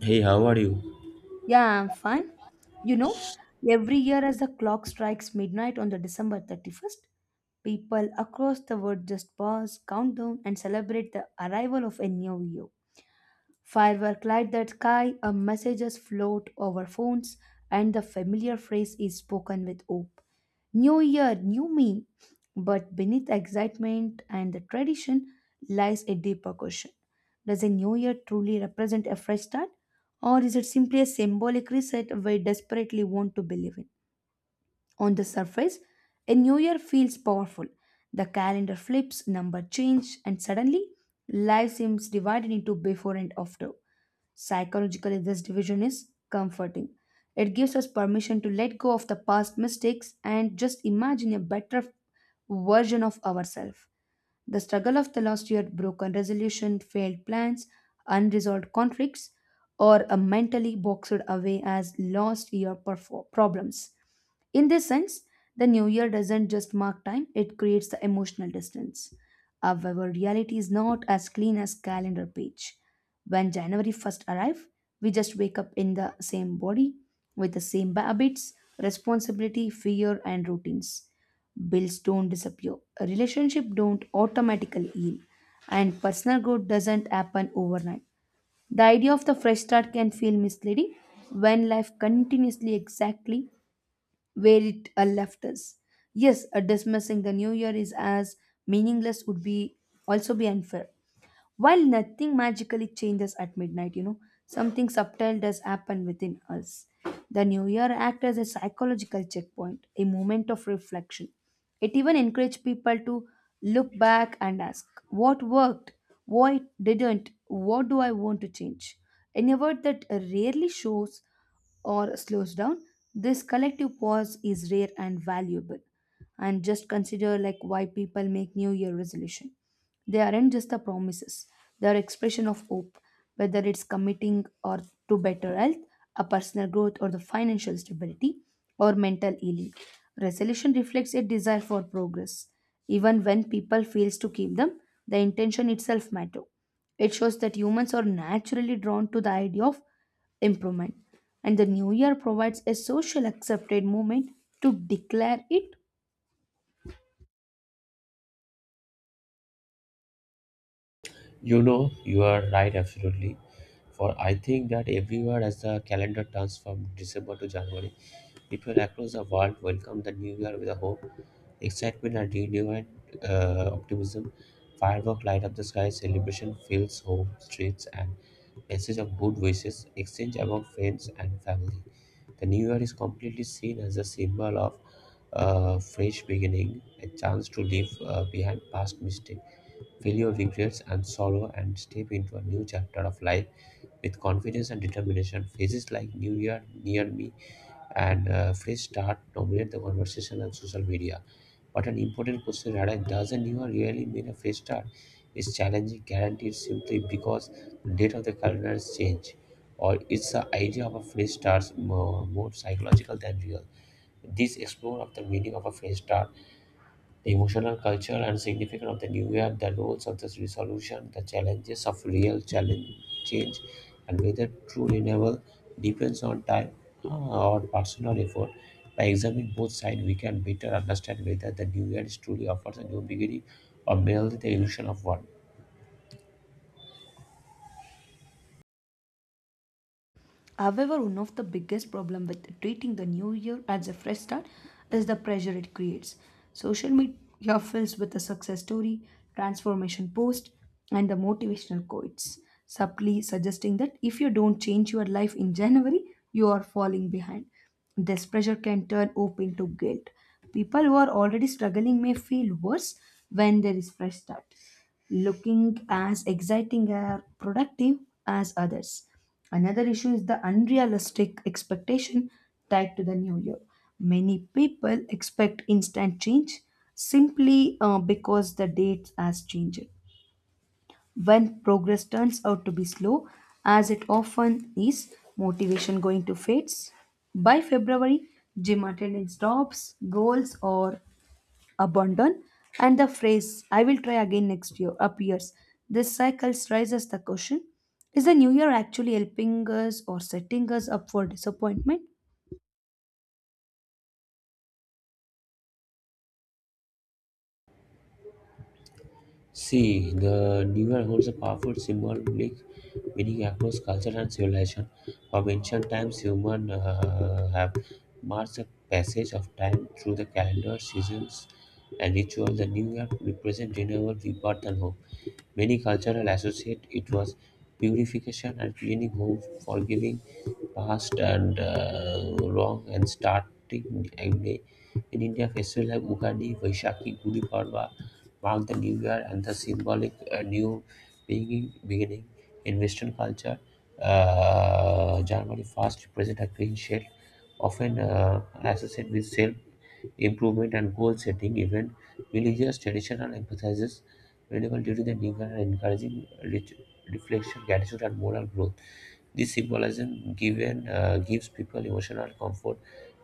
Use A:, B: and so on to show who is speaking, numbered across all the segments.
A: Hey, how are you?
B: Yeah, I'm fine. You know, every year as the clock strikes midnight on the December 31st, people across the world just pause, count down, and celebrate the arrival of a new year. Firework light the sky, a messages float over phones, and the familiar phrase is spoken with hope. New year, new me. But beneath excitement and the tradition lies a deeper question. Does a new year truly represent a fresh start? Or is it simply a symbolic reset we desperately want to believe in? On the surface, a new year feels powerful. The calendar flips, number change, and suddenly life seems divided into before and after. Psychologically, this division is comforting. It gives us permission to let go of the past mistakes and just imagine a better version of ourselves. The struggle of the last year, broken resolution, failed plans, unresolved conflicts, or a mentally boxed away as last year problems. In this sense, the new year doesn't just mark time, it creates the emotional distance. However, reality is not as clean as calendar page. When January 1st arrives, we just wake up in the same body with the same habits, responsibility, fear and routines. Bills don't disappear, relationship don't automatically heal, and personal growth doesn't happen overnight. The idea of the fresh start can feel misleading when life continuously exactly where it left us. Yes, dismissing the new year is as meaningless would be also be unfair. While nothing magically changes at midnight, something subtle does happen within us. The new year acts as a psychological checkpoint, a moment of reflection. It even encouraged people to look back and ask, what worked? What didn't? What do I want to change? In a word that rarely shows or slows down, this collective pause is rare and valuable. And just consider like why people make New Year resolution. They aren't just the promises; they are expression of hope, whether it's committing or to better health, a personal growth, or the financial stability, or mental healing. Resolution reflects a desire for progress. Even when people fails to keep them, the intention itself matter. It shows that humans are naturally drawn to the idea of improvement and the new year provides a social accepted moment to declare it.
A: You know, you are right, absolutely. For I think that everywhere as the calendar turns from December to January, people across the world welcome the new year with a hope, excitement, and renewed optimism. Fireworks light up the sky, celebration fills home, streets, and message of good wishes exchange among friends and family. The new year is completely seen as a symbol of a fresh beginning, a chance to leave behind past mistakes. Failure regrets and sorrow and step into a new chapter of life with confidence and determination. Phases like New Year, Near Me, and Fresh Start dominate the conversation on social media. But an important question arises, does a New Year really mean a fresh start? Is challenging guaranteed simply because the date of the calendar has changed? Or is the idea of a fresh start more psychological than real? This explore of the meaning of a fresh start, the emotional culture and significance of the new year, the roles of this resolution, the challenges of real challenge change, and whether true renewal depends on time or personal effort. By examining both sides, we can better understand whether the new year is truly offers a new beginning or merely the illusion of one.
B: However, one of the biggest problem with treating the new year as a fresh start is the pressure it creates. Social media fills with a success story, transformation post, and the motivational quotes, subtly suggesting that if you don't change your life in January, you are falling behind. This pressure can turn hope into guilt. People who are already struggling may feel worse when there is fresh start looking as exciting or productive as others. Another issue is the unrealistic expectation tied to the new year. Many people expect instant change simply because the date has changed. When progress turns out to be slow, as it often is, motivation going to fades. By February, gym attendance drops, goals or abandon and the phrase I will try again next year appears. This cycle raises the question, is the new year actually helping us or setting us up for disappointment?
A: See, the New Year holds a powerful symbolic meaning across culture and civilization. From ancient times, humans have marked the passage of time through the calendar, seasons, and ritual. The New Year represents renewal, rebirth, and hope. Many cultures associate it was purification and cleaning home, forgiving past and wrong and starting every day. In India festival like Ugadi, Vaishakhi, Gudi Padwa mark the new year and the symbolic new beginning in Western culture. January 1st represents a clean sheet, often associated with self improvement and goal setting event. Religious traditional emphasizes renewal due the new and encouraging ret- reflection, gratitude, and moral growth. This symbolism given gives people emotional comfort.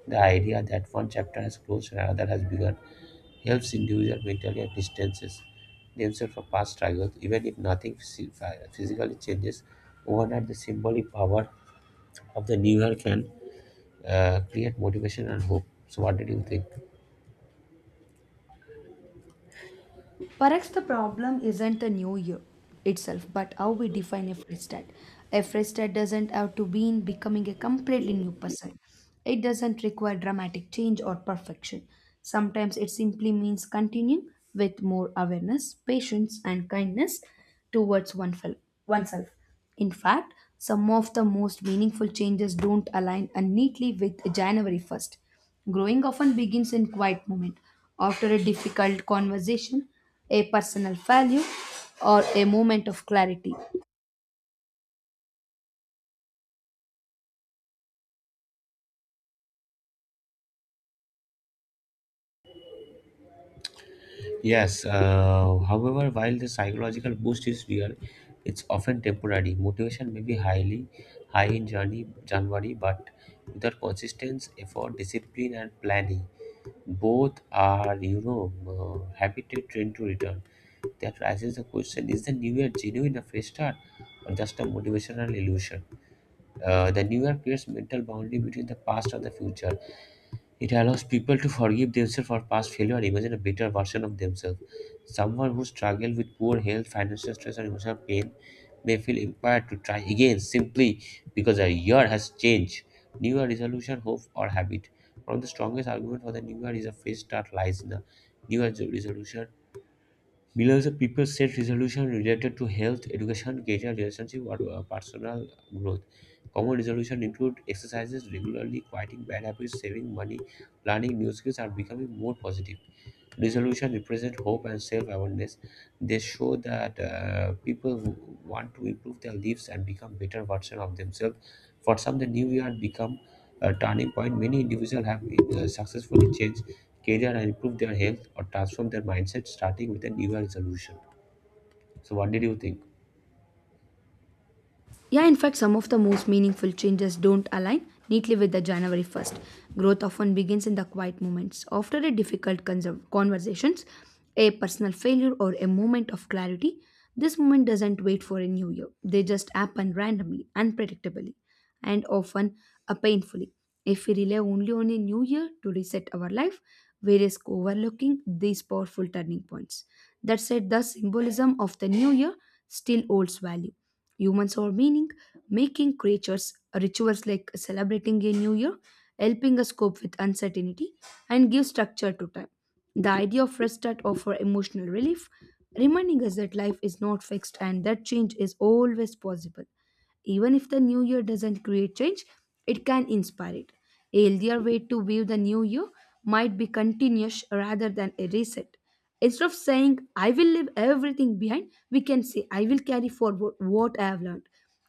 A: The idea that one chapter has closed and another has begun helps individual mentally and distances themselves from past struggles, even if nothing physically changes. Overnight, the symbolic power of the new year can create motivation and hope. So, what did you think?
B: Perhaps the problem isn't the new year itself but how we define a fresh start. A fresh start doesn't have to be in becoming a completely new person. It doesn't require dramatic change or perfection. Sometimes it simply means continuing with more awareness patience and kindness towards oneself. In fact, some of the most meaningful changes don't align neatly with January 1st. Growing often begins in quiet moment, after a difficult conversation, a personal failure, or a moment of clarity.
A: Yes, however, while the psychological boost is real, it's often temporary. Motivation may be highly high in January, but without consistency, effort, discipline, and planning, both are habited trained to return. That raises the question: is the new year genuine a fresh start, or just a motivational illusion? The new year creates mental boundary between the past and the future. It allows people to forgive themselves for past failure and imagine a better version of themselves. Someone who struggles with poor health, financial stress, or emotional pain may feel empowered to try again simply because a year has changed. New Year resolution, hope, or habit. One of the strongest arguments for the New Year is a fresh start lies in the New Year resolution. Below is a people set resolution related to health, education, career, relationship, or personal growth. Common resolution include exercises regularly, quieting bad habits, saving money, learning new skills, and becoming more positive. Resolution represent hope and self-awareness. They show that people who want to improve their lives and become better version of themselves. For some the new year become a turning point. Many individuals have successfully changed career and improved their health or transform their mindset starting with a new year resolution. So what did you think?
B: Yeah, in fact, some of the most meaningful changes don't align neatly with the January 1st. Growth often begins in the quiet moments. After a difficult conversations, a personal failure, or a moment of clarity, this moment doesn't wait for a new year. They just happen randomly, unpredictably, and often painfully. If we rely only on a new year to reset our life, we risk overlooking these powerful turning points. That said, the symbolism of the new year still holds value. Humans are meaning making creatures rituals like celebrating a new year, helping us cope with uncertainty, and give structure to time. The idea of restart that offer emotional relief, reminding us that life is not fixed and that change is always possible. Even if the new year doesn't create change, it can inspire it. A healthier way to view the new year might be continuous rather than a reset. Instead of saying, I will leave everything behind, we can say, I will carry forward what I have learned.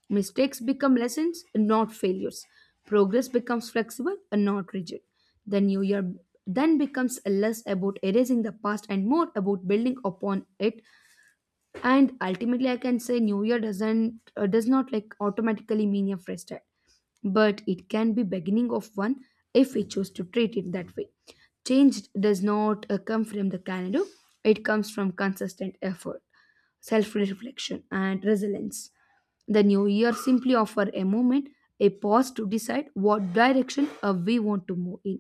B: Mistakes become lessons, not failures. Progress becomes flexible and not rigid. The new year then becomes less about erasing the past and more about building upon it. And ultimately I can say new year does not like automatically mean a fresh start, but it can be beginning of one if we choose to treat it that way. Change does not come from the calendar. It comes from consistent effort, self-reflection and resilience. The new year simply offers a moment, a pause to decide what direction we want to move in.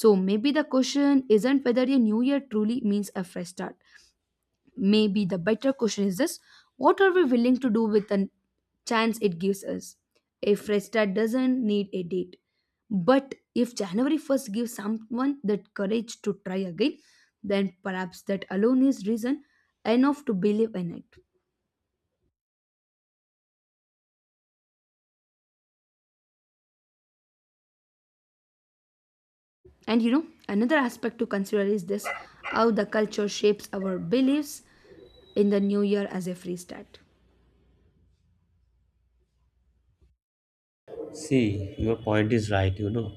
B: So maybe the question isn't whether a new year truly means a fresh start. Maybe the better question is this, what are we willing to do with the chance it gives us? A fresh start doesn't need a date. But if January 1st gives someone that courage to try again, then perhaps that alone is reason enough to believe in it. And another aspect to consider is this, how the culture shapes our beliefs in the new year as a free start.
A: See, your point is right, you know.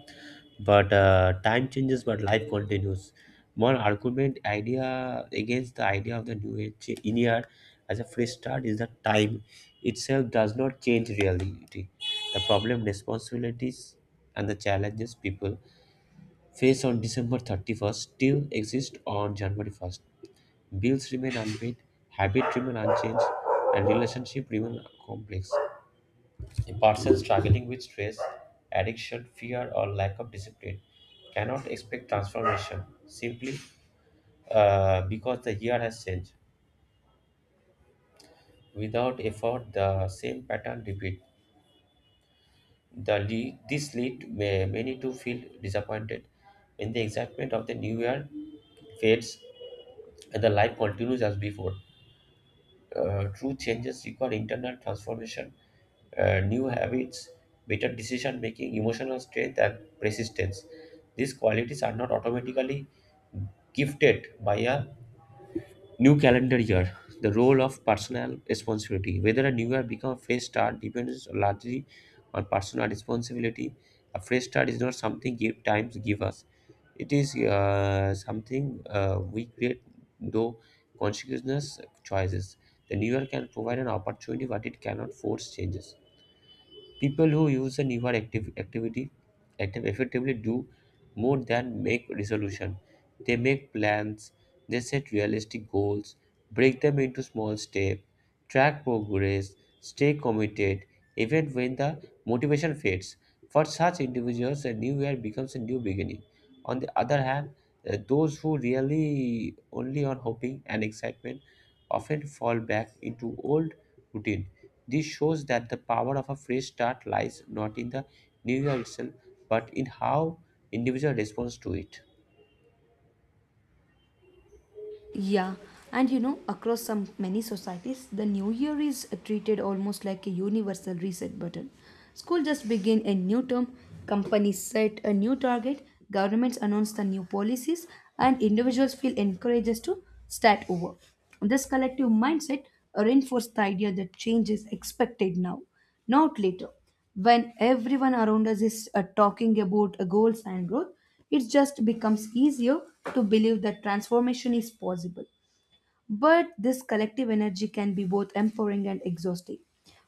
A: But time changes, but life continues. One argument idea against the idea of the new age in here as a fresh start is that time itself does not change reality. The problem, responsibilities, and the challenges people face on December 31st still exist on January 1st. Bills remain unpaid, habit remain unchanged, and relationship remain complex. A person struggling with stress, addiction, fear, or lack of discipline cannot expect transformation simply because the year has changed. Without effort, the same pattern repeat. The lead, this lead may, many to feel disappointed when the excitement of the new year fades and the life continues as before. True changes require internal transformation, new habits, better decision making, emotional strength, and persistence. These qualities are not automatically gifted by a new calendar year. The role of personal responsibility, whether a new year becomes a fresh start, depends largely on personal responsibility. A fresh start is not something give, times give us. It is something we create, though consciousness choices. The new year can provide an opportunity, but it cannot force changes. People who use a newer active activity active effectively do more than make resolution. They make plans, they set realistic goals, break them into small steps, track progress, stay committed even when the motivation fades. For such individuals a new year becomes a new beginning. On the other hand, those who really only on hoping and excitement often fall back into old routine. This shows that the power of a fresh start lies not in the new year itself, but in how individual responds to it.
B: Yeah, and across some many societies, the new year is treated almost like a universal reset button. School just begin a new term, companies set a new target, governments announce the new policies, and individuals feel encouraged to start over. This collective mindset reinforces the idea that change is expected now, not later. When everyone around us is talking about goals and growth, it just becomes easier to believe that transformation is possible. But this collective energy can be both empowering and exhausting.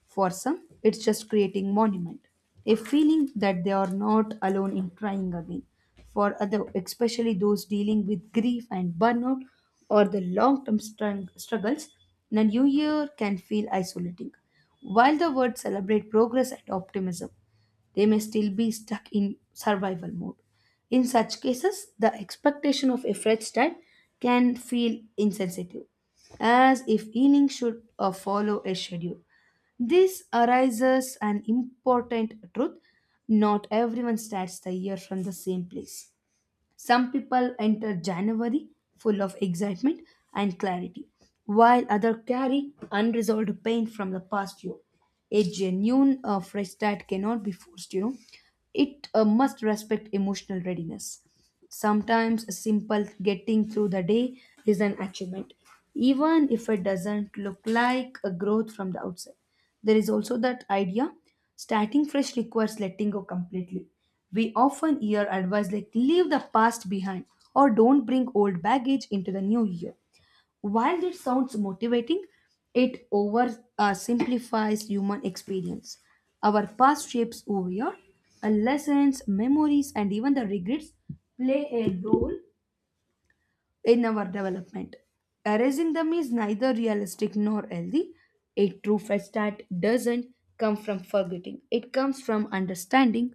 B: For some, it's just creating monument, a feeling that they are not alone in trying again. For other, especially those dealing with grief and burnout or the long-term struggles, the new year can feel isolating. While the words celebrate progress and optimism, they may still be stuck in survival mode. In such cases, the expectation of a fresh start can feel insensitive, as if healing should follow a schedule. This arises an important truth, not everyone starts the year from the same place. Some people enter January full of excitement and clarity, while others carry unresolved pain from the past year. A genuine fresh start cannot be forced, it must respect emotional readiness. Sometimes a simple getting through the day is an achievement, even if it doesn't look like a growth from the outside. There is also that idea, starting fresh requires letting go completely. We often hear advice like leave the past behind or don't bring old baggage into the new year. While it sounds motivating, it over simplifies human experience. Our past shapes who we are, our lessons, memories, and even the regrets play a role in our development. Erasing them is neither realistic nor healthy. A true fresh start doesn't come from forgetting, it comes from understanding.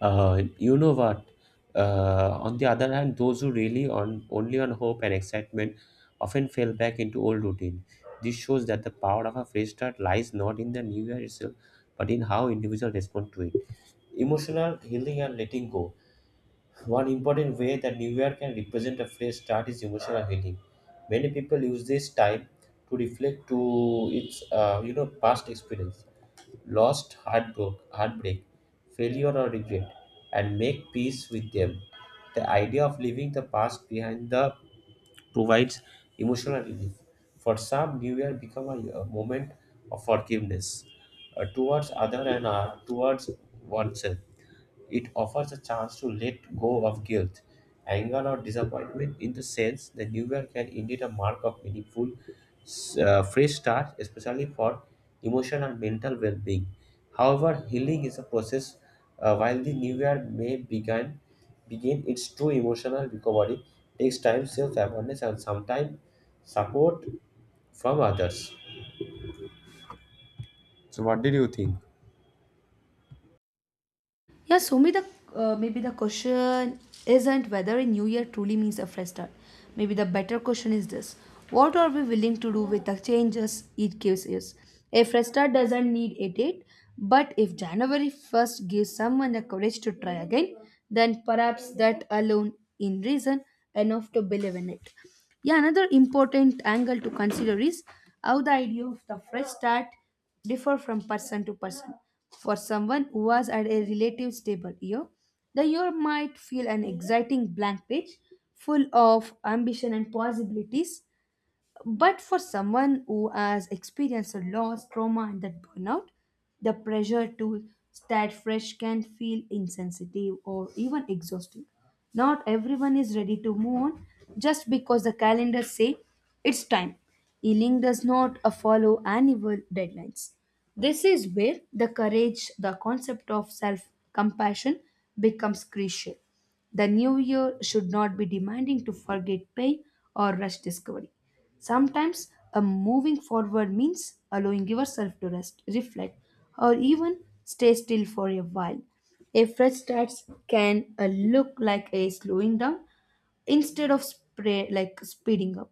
A: You know what? On the other hand, those who really on only on hope and excitement often fall back into old routine. This shows that the power of a fresh start lies not in the new year itself, but in how individual respond to it. Emotional healing and letting go. One important way that New Year can represent a fresh start is emotional healing. Many people use this time to reflect to its past experience, lost heartbreak, failure or regret, and make peace with them. The idea of leaving the past behind the provides emotional relief. For some, New Year become a moment of forgiveness towards other and towards oneself. It offers a chance to let go of guilt, anger, or disappointment. In the sense, the new year can indeed a mark of meaningful, fresh start, especially for emotional and mental well-being. However, healing is a process. While the new year may begin its true emotional recovery takes time, self-awareness, and sometimes support from others. So, what did you think?
B: Yeah, so maybe the question isn't whether a new year truly means a fresh start. Maybe the better question is this: What are we willing to do with the changes it gives us? A fresh start doesn't need a date, but if January 1st gives someone the courage to try again, then perhaps that alone in reason enough to believe in it. Yeah, another important angle to consider is how the idea of the fresh start differ from person to person. For someone who was at a relative stable year, the year might feel an exciting blank page full of ambition and possibilities. But for someone who has experienced a loss, trauma, and that burnout, the pressure to start fresh can feel insensitive or even exhausting. Not everyone is ready to move on just because the calendar say it's time. Healing does not follow annual deadlines. This is where the courage, the concept of self compassion becomes crucial. The new year should not be demanding to forget pain or rush discovery. Sometimes a moving forward means allowing yourself to rest, reflect, or even stay still for a while. A fresh start can look like a slowing down instead of like speeding up.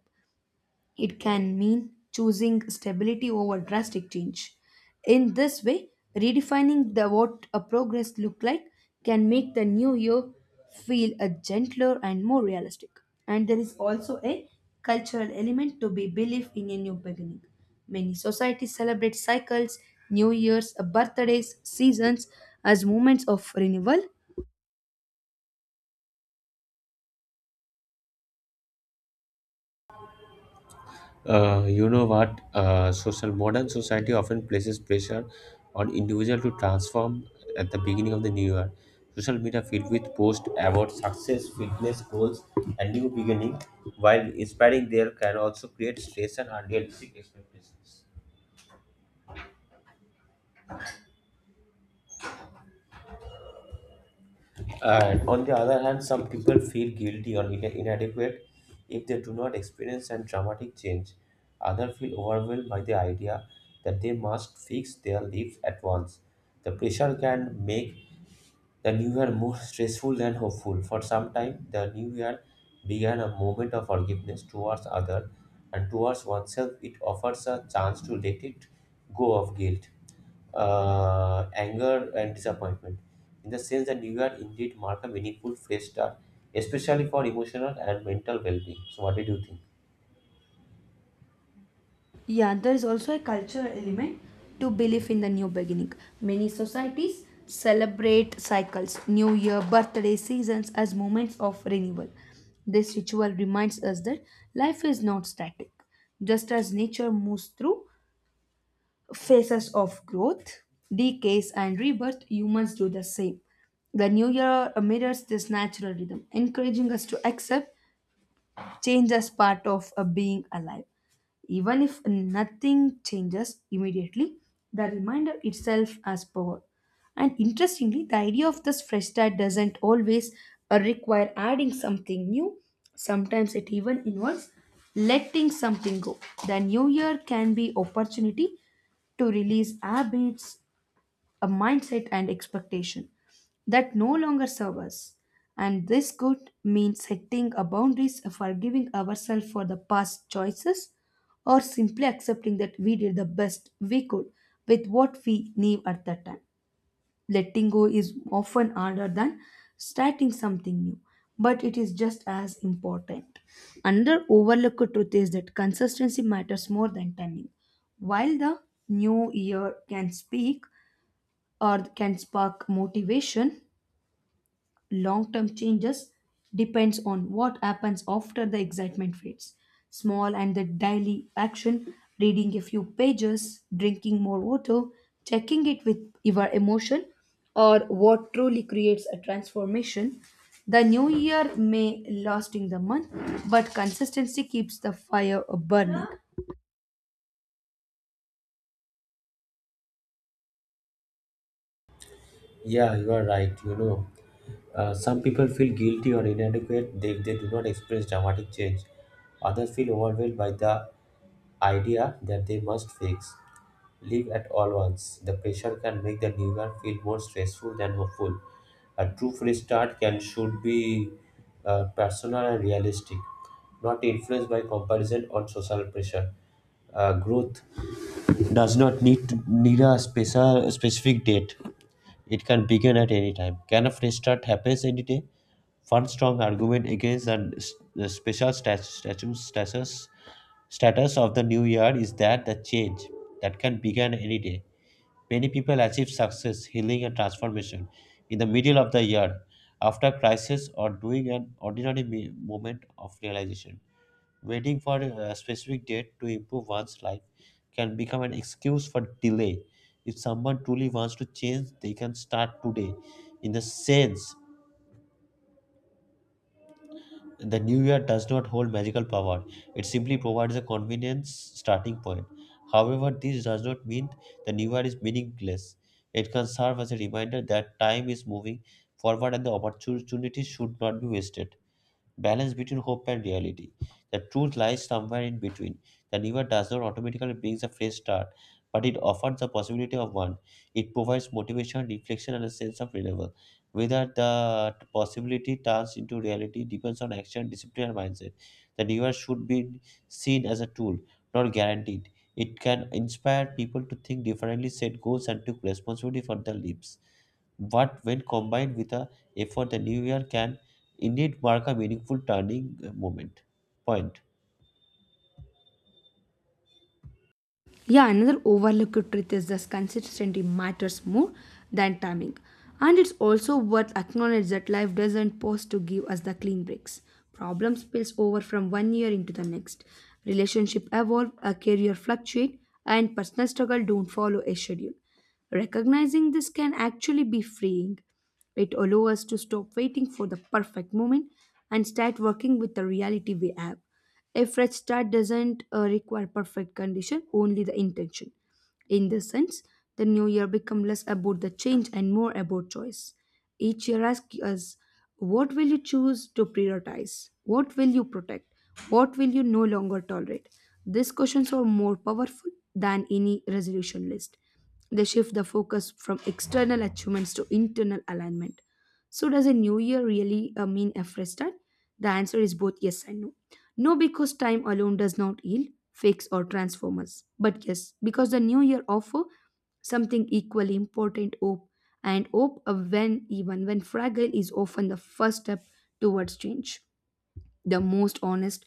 B: It can mean choosing stability over drastic change. In this way, redefining the what a progress look like can make the new year feel a gentler and more realistic. And there is also a cultural element to be belief in a new beginning. Many societies celebrate cycles, new years, birthdays, seasons as moments of renewal.
A: You know what? Social modern society often places pressure on individual to transform at the beginning of the new year. Social media filled with posts about success, fitness goals, and new beginning, while inspiring there can also create stress and unrealistic expectations. And on the other hand, some people feel guilty or inadequate if they do not experience a dramatic change. Others feel overwhelmed by the idea that they must fix their lives at once. The pressure can make the new year more stressful than hopeful. For some time, the new year began a moment of forgiveness towards others and towards oneself. It offers a chance to let it go of guilt, anger, and disappointment. In the sense that new year indeed mark a meaningful fresh start, especially for emotional and mental well-being. So, what did you think?
B: Yeah, there is also a cultural element to belief in the new beginning. Many societies celebrate cycles, new year, birthday, seasons as moments of renewal. This ritual reminds us that life is not static. Just as nature moves through phases of growth, decays, and rebirth, humans do the same. The new year mirrors this natural rhythm, encouraging us to accept change as part of a being alive. Even if nothing changes immediately, the reminder itself has power. And interestingly, the idea of this fresh start doesn't always require adding something new. Sometimes it even involves letting something go. The new year can be opportunity to release habits a mindset and expectation that no longer serve us. And this could mean setting a boundaries, forgiving ourselves for the past choices, or simply accepting that we did the best we could with what we knew at that time. Letting go is often harder than starting something new, but it is just as important. Another overlooked truth is that consistency matters more than timing. While the new year can speak or can spark motivation, long term changes depends on what happens after the excitement fades. Small and the daily action, reading a few pages, drinking more water, checking it with your emotion, or what truly creates a transformation. The new year may last in the month, but consistency keeps the fire burning.
A: Yeah, you are right. You know, some people feel guilty or inadequate if they do not experience dramatic change. Others feel overwhelmed by the idea that they must fix, live at all once. The pressure can make the new year feel more stressful than hopeful. A true fresh start can should be personal and realistic, not influenced by comparison or social pressure. Growth does not need to need a special specific date. It can begin at any time. Can a fresh start happens any day? One strong argument against the the special status of the new year is that the change that can begin any day. Many people achieve success, healing, and transformation in the middle of the year, after crisis or during an ordinary moment of realization. Waiting for a specific date to improve one's life can become an excuse for delay. If someone truly wants to change, they can start today. In the sense, the new year does not hold magical power, it simply provides a convenient starting point. However, this does not mean the new year is meaningless. It can serve as a reminder that time is moving forward and the opportunity should not be wasted. Balance between hope and reality. The truth lies somewhere in between. The river does not automatically bring a fresh start, but it offers the possibility of one. It provides motivation, reflection, and a sense of renewal. Whether the possibility turns into reality depends on action, discipline, and mindset. The river should be seen as a tool, not guaranteed. It can inspire people to think differently, set goals, and take responsibility for their lives. But when combined with a effort, the new year can indeed mark a meaningful turning moment. Point.
B: Yeah, another overlooked truth is that consistency matters more than timing. And it's also worth acknowledge that life doesn't pause to give us the clean breaks. Problem spills over from one year into the next. Relationship evolve, a career fluctuate, and personal struggle don't follow a schedule. Recognizing this can actually be freeing. It allows us to stop waiting for the perfect moment and start working with the reality we have. A fresh start doesn't require perfect condition, only the intention. In this sense, the new year becomes less about the change and more about choice. Each year asks us, what will you choose to prioritize? What will you protect? What will you no longer tolerate? These questions are more powerful than any resolution list. They shift the focus from external achievements to internal alignment. So, does a new year really mean a fresh start? The answer is both yes and no. No, because time alone does not heal, fix, or transform us. But yes, because the new year offers something equally important, hope. And hope of when, even when fragile, is often the first step towards change. The most honest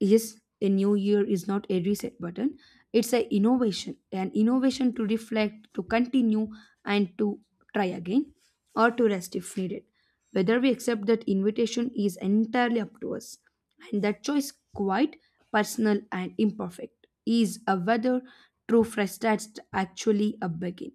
B: yes, a new year is not a reset button. It's an innovation, an innovation to reflect, to continue, and to try again, or to rest if needed. Whether we accept that invitation is entirely up to us, and that choice, quite personal and imperfect, is a whether true fresh starts actually a begin.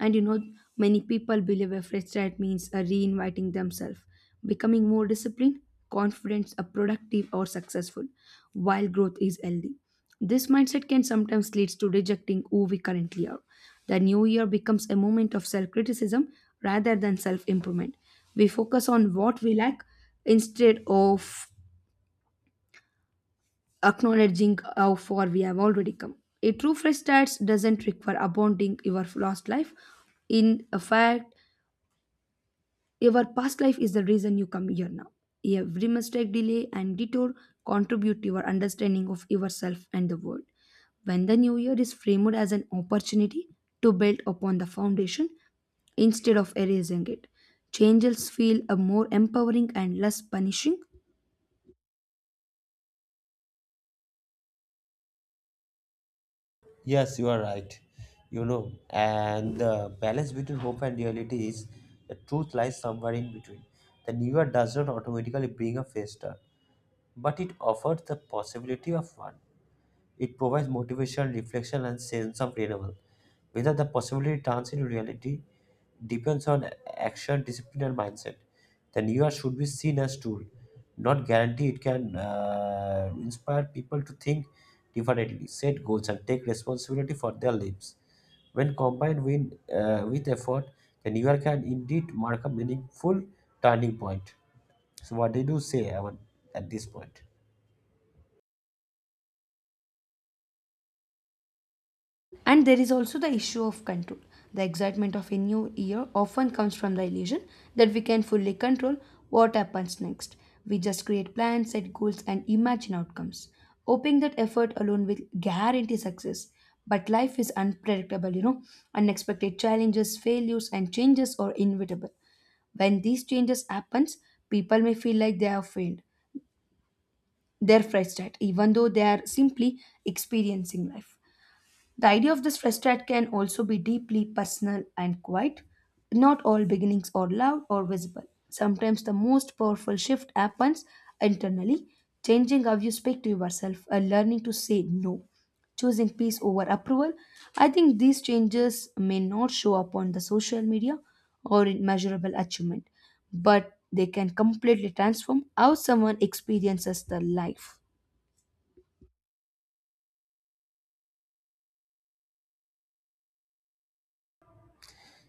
B: And you know, many people believe a fresh start means a reinviting themselves, becoming more disciplined, confident, productive, or successful, while growth is healthy. This mindset can sometimes lead to rejecting who we currently are. The new year becomes a moment of self criticism rather than self improvement. We focus on what we lack instead of acknowledging how far we have already come. A true fresh start doesn't require abandoning your lost life. In fact, your past life is the reason you come here now. Every mistake, delay, and detour contribute to your understanding of yourself and the world. When the new year is framed as an opportunity to build upon the foundation instead of erasing it, changes feel a more empowering and less punishing.
A: Yes, you are right. You know, and the balance between hope and reality is the truth lies somewhere in between. The new year does not automatically bring a faster, but it offers the possibility of one. It provides motivation, reflection, and sense of renewal. Whether the possibility turns into reality depends on action, discipline, and mindset. The New Year should be seen as tool, not guarantee. It can inspire people to think differently, set goals, and take responsibility for their lives. When combined with effort, the New Year can indeed mark a meaningful turning point. So, what did you say Aman, at this point?
B: And there is also the issue of control. The excitement of a new year often comes from the illusion that we can fully control what happens next. We just create plans, set goals, and imagine outcomes, hoping that effort alone will guarantee success. But life is unpredictable, you know. Unexpected challenges, failures, and changes are inevitable. When these changes happens, people may feel like they have failed. They're frustrated, even though they are simply experiencing life. The idea of this fresh start can also be deeply personal and quiet. Not all beginnings are loud or visible. Sometimes the most powerful shift happens internally, changing how you speak to yourself and learning to say no, choosing peace over approval. I think these changes may not show up on the social media or in measurable achievement, but they can completely transform how someone experiences their life.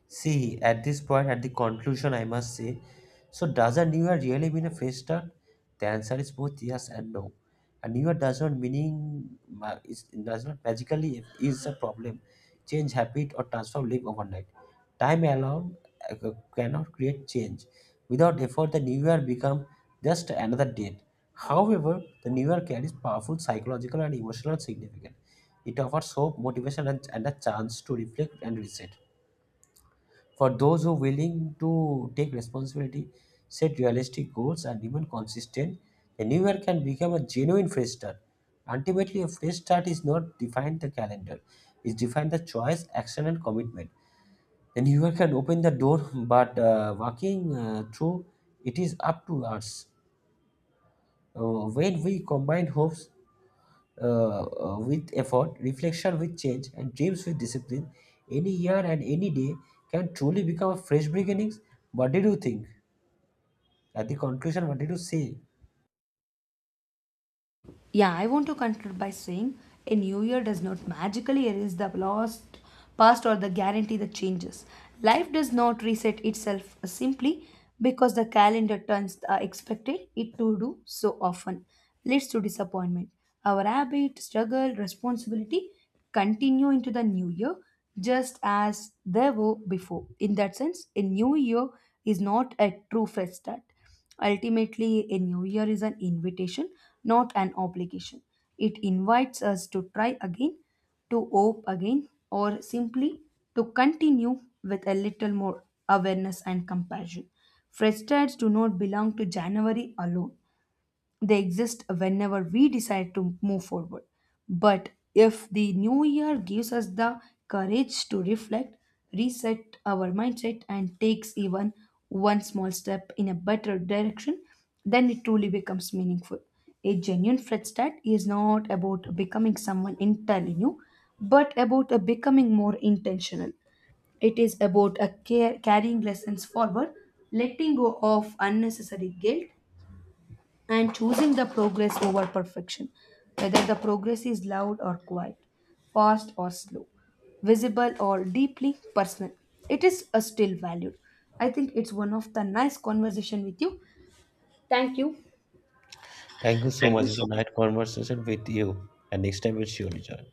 A: See, at this point, at the conclusion, I must say, so does a new year really mean a fresh start? The answer is both yes and no. A new year does not meaning ma- is does not magically is a problem, change habit or transform life overnight. Time alone cannot create change. Without effort, the new year become just another date. However, the new year carries powerful psychological and emotional significance. It offers hope, motivation, and a chance to reflect and reset. For those who are willing to take responsibility, set realistic goals, and remain consistent, the new year can become a genuine fresh start. Ultimately, a fresh start is not defined the calendar; it's defined the choice, action, and commitment. The new year can open the door, but walking through it is up to us. When we combine hopes, with effort, reflection with change, and dreams with discipline, any year and any day can truly become a fresh beginnings. What did you think? At the conclusion, what did you say?
B: Yeah, I want to conclude by saying a new year does not magically erase the lost past or the guarantee the changes. Life does not reset itself simply because the calendar turns the expected it to do so often leads to disappointment. Our habit, struggle, responsibility continue into the new year just as they were before. In that sense, a new year is not a true fresh start. Ultimately, a new year is an invitation, not an obligation. It invites us to try again, to hope again, or simply to continue with a little more awareness and compassion. Fresh starts do not belong to January alone. They exist whenever we decide to move forward. But if the new year gives us the courage to reflect, reset our mindset, and takes even one small step in a better direction, then it truly becomes meaningful. A genuine fresh start is not about becoming someone entirely new, but about becoming more intentional. It is about carrying lessons forward, letting go of unnecessary guilt, and choosing the progress over perfection, whether the progress is loud or quiet, fast or slow, visible or deeply personal. It is a still valued. I think it's one of the nice conversation with you. Thank you.
A: Thank you so
B: Thank
A: much.
B: you
A: It's
B: so
A: a nice conversation with you, and next time we'll surely join.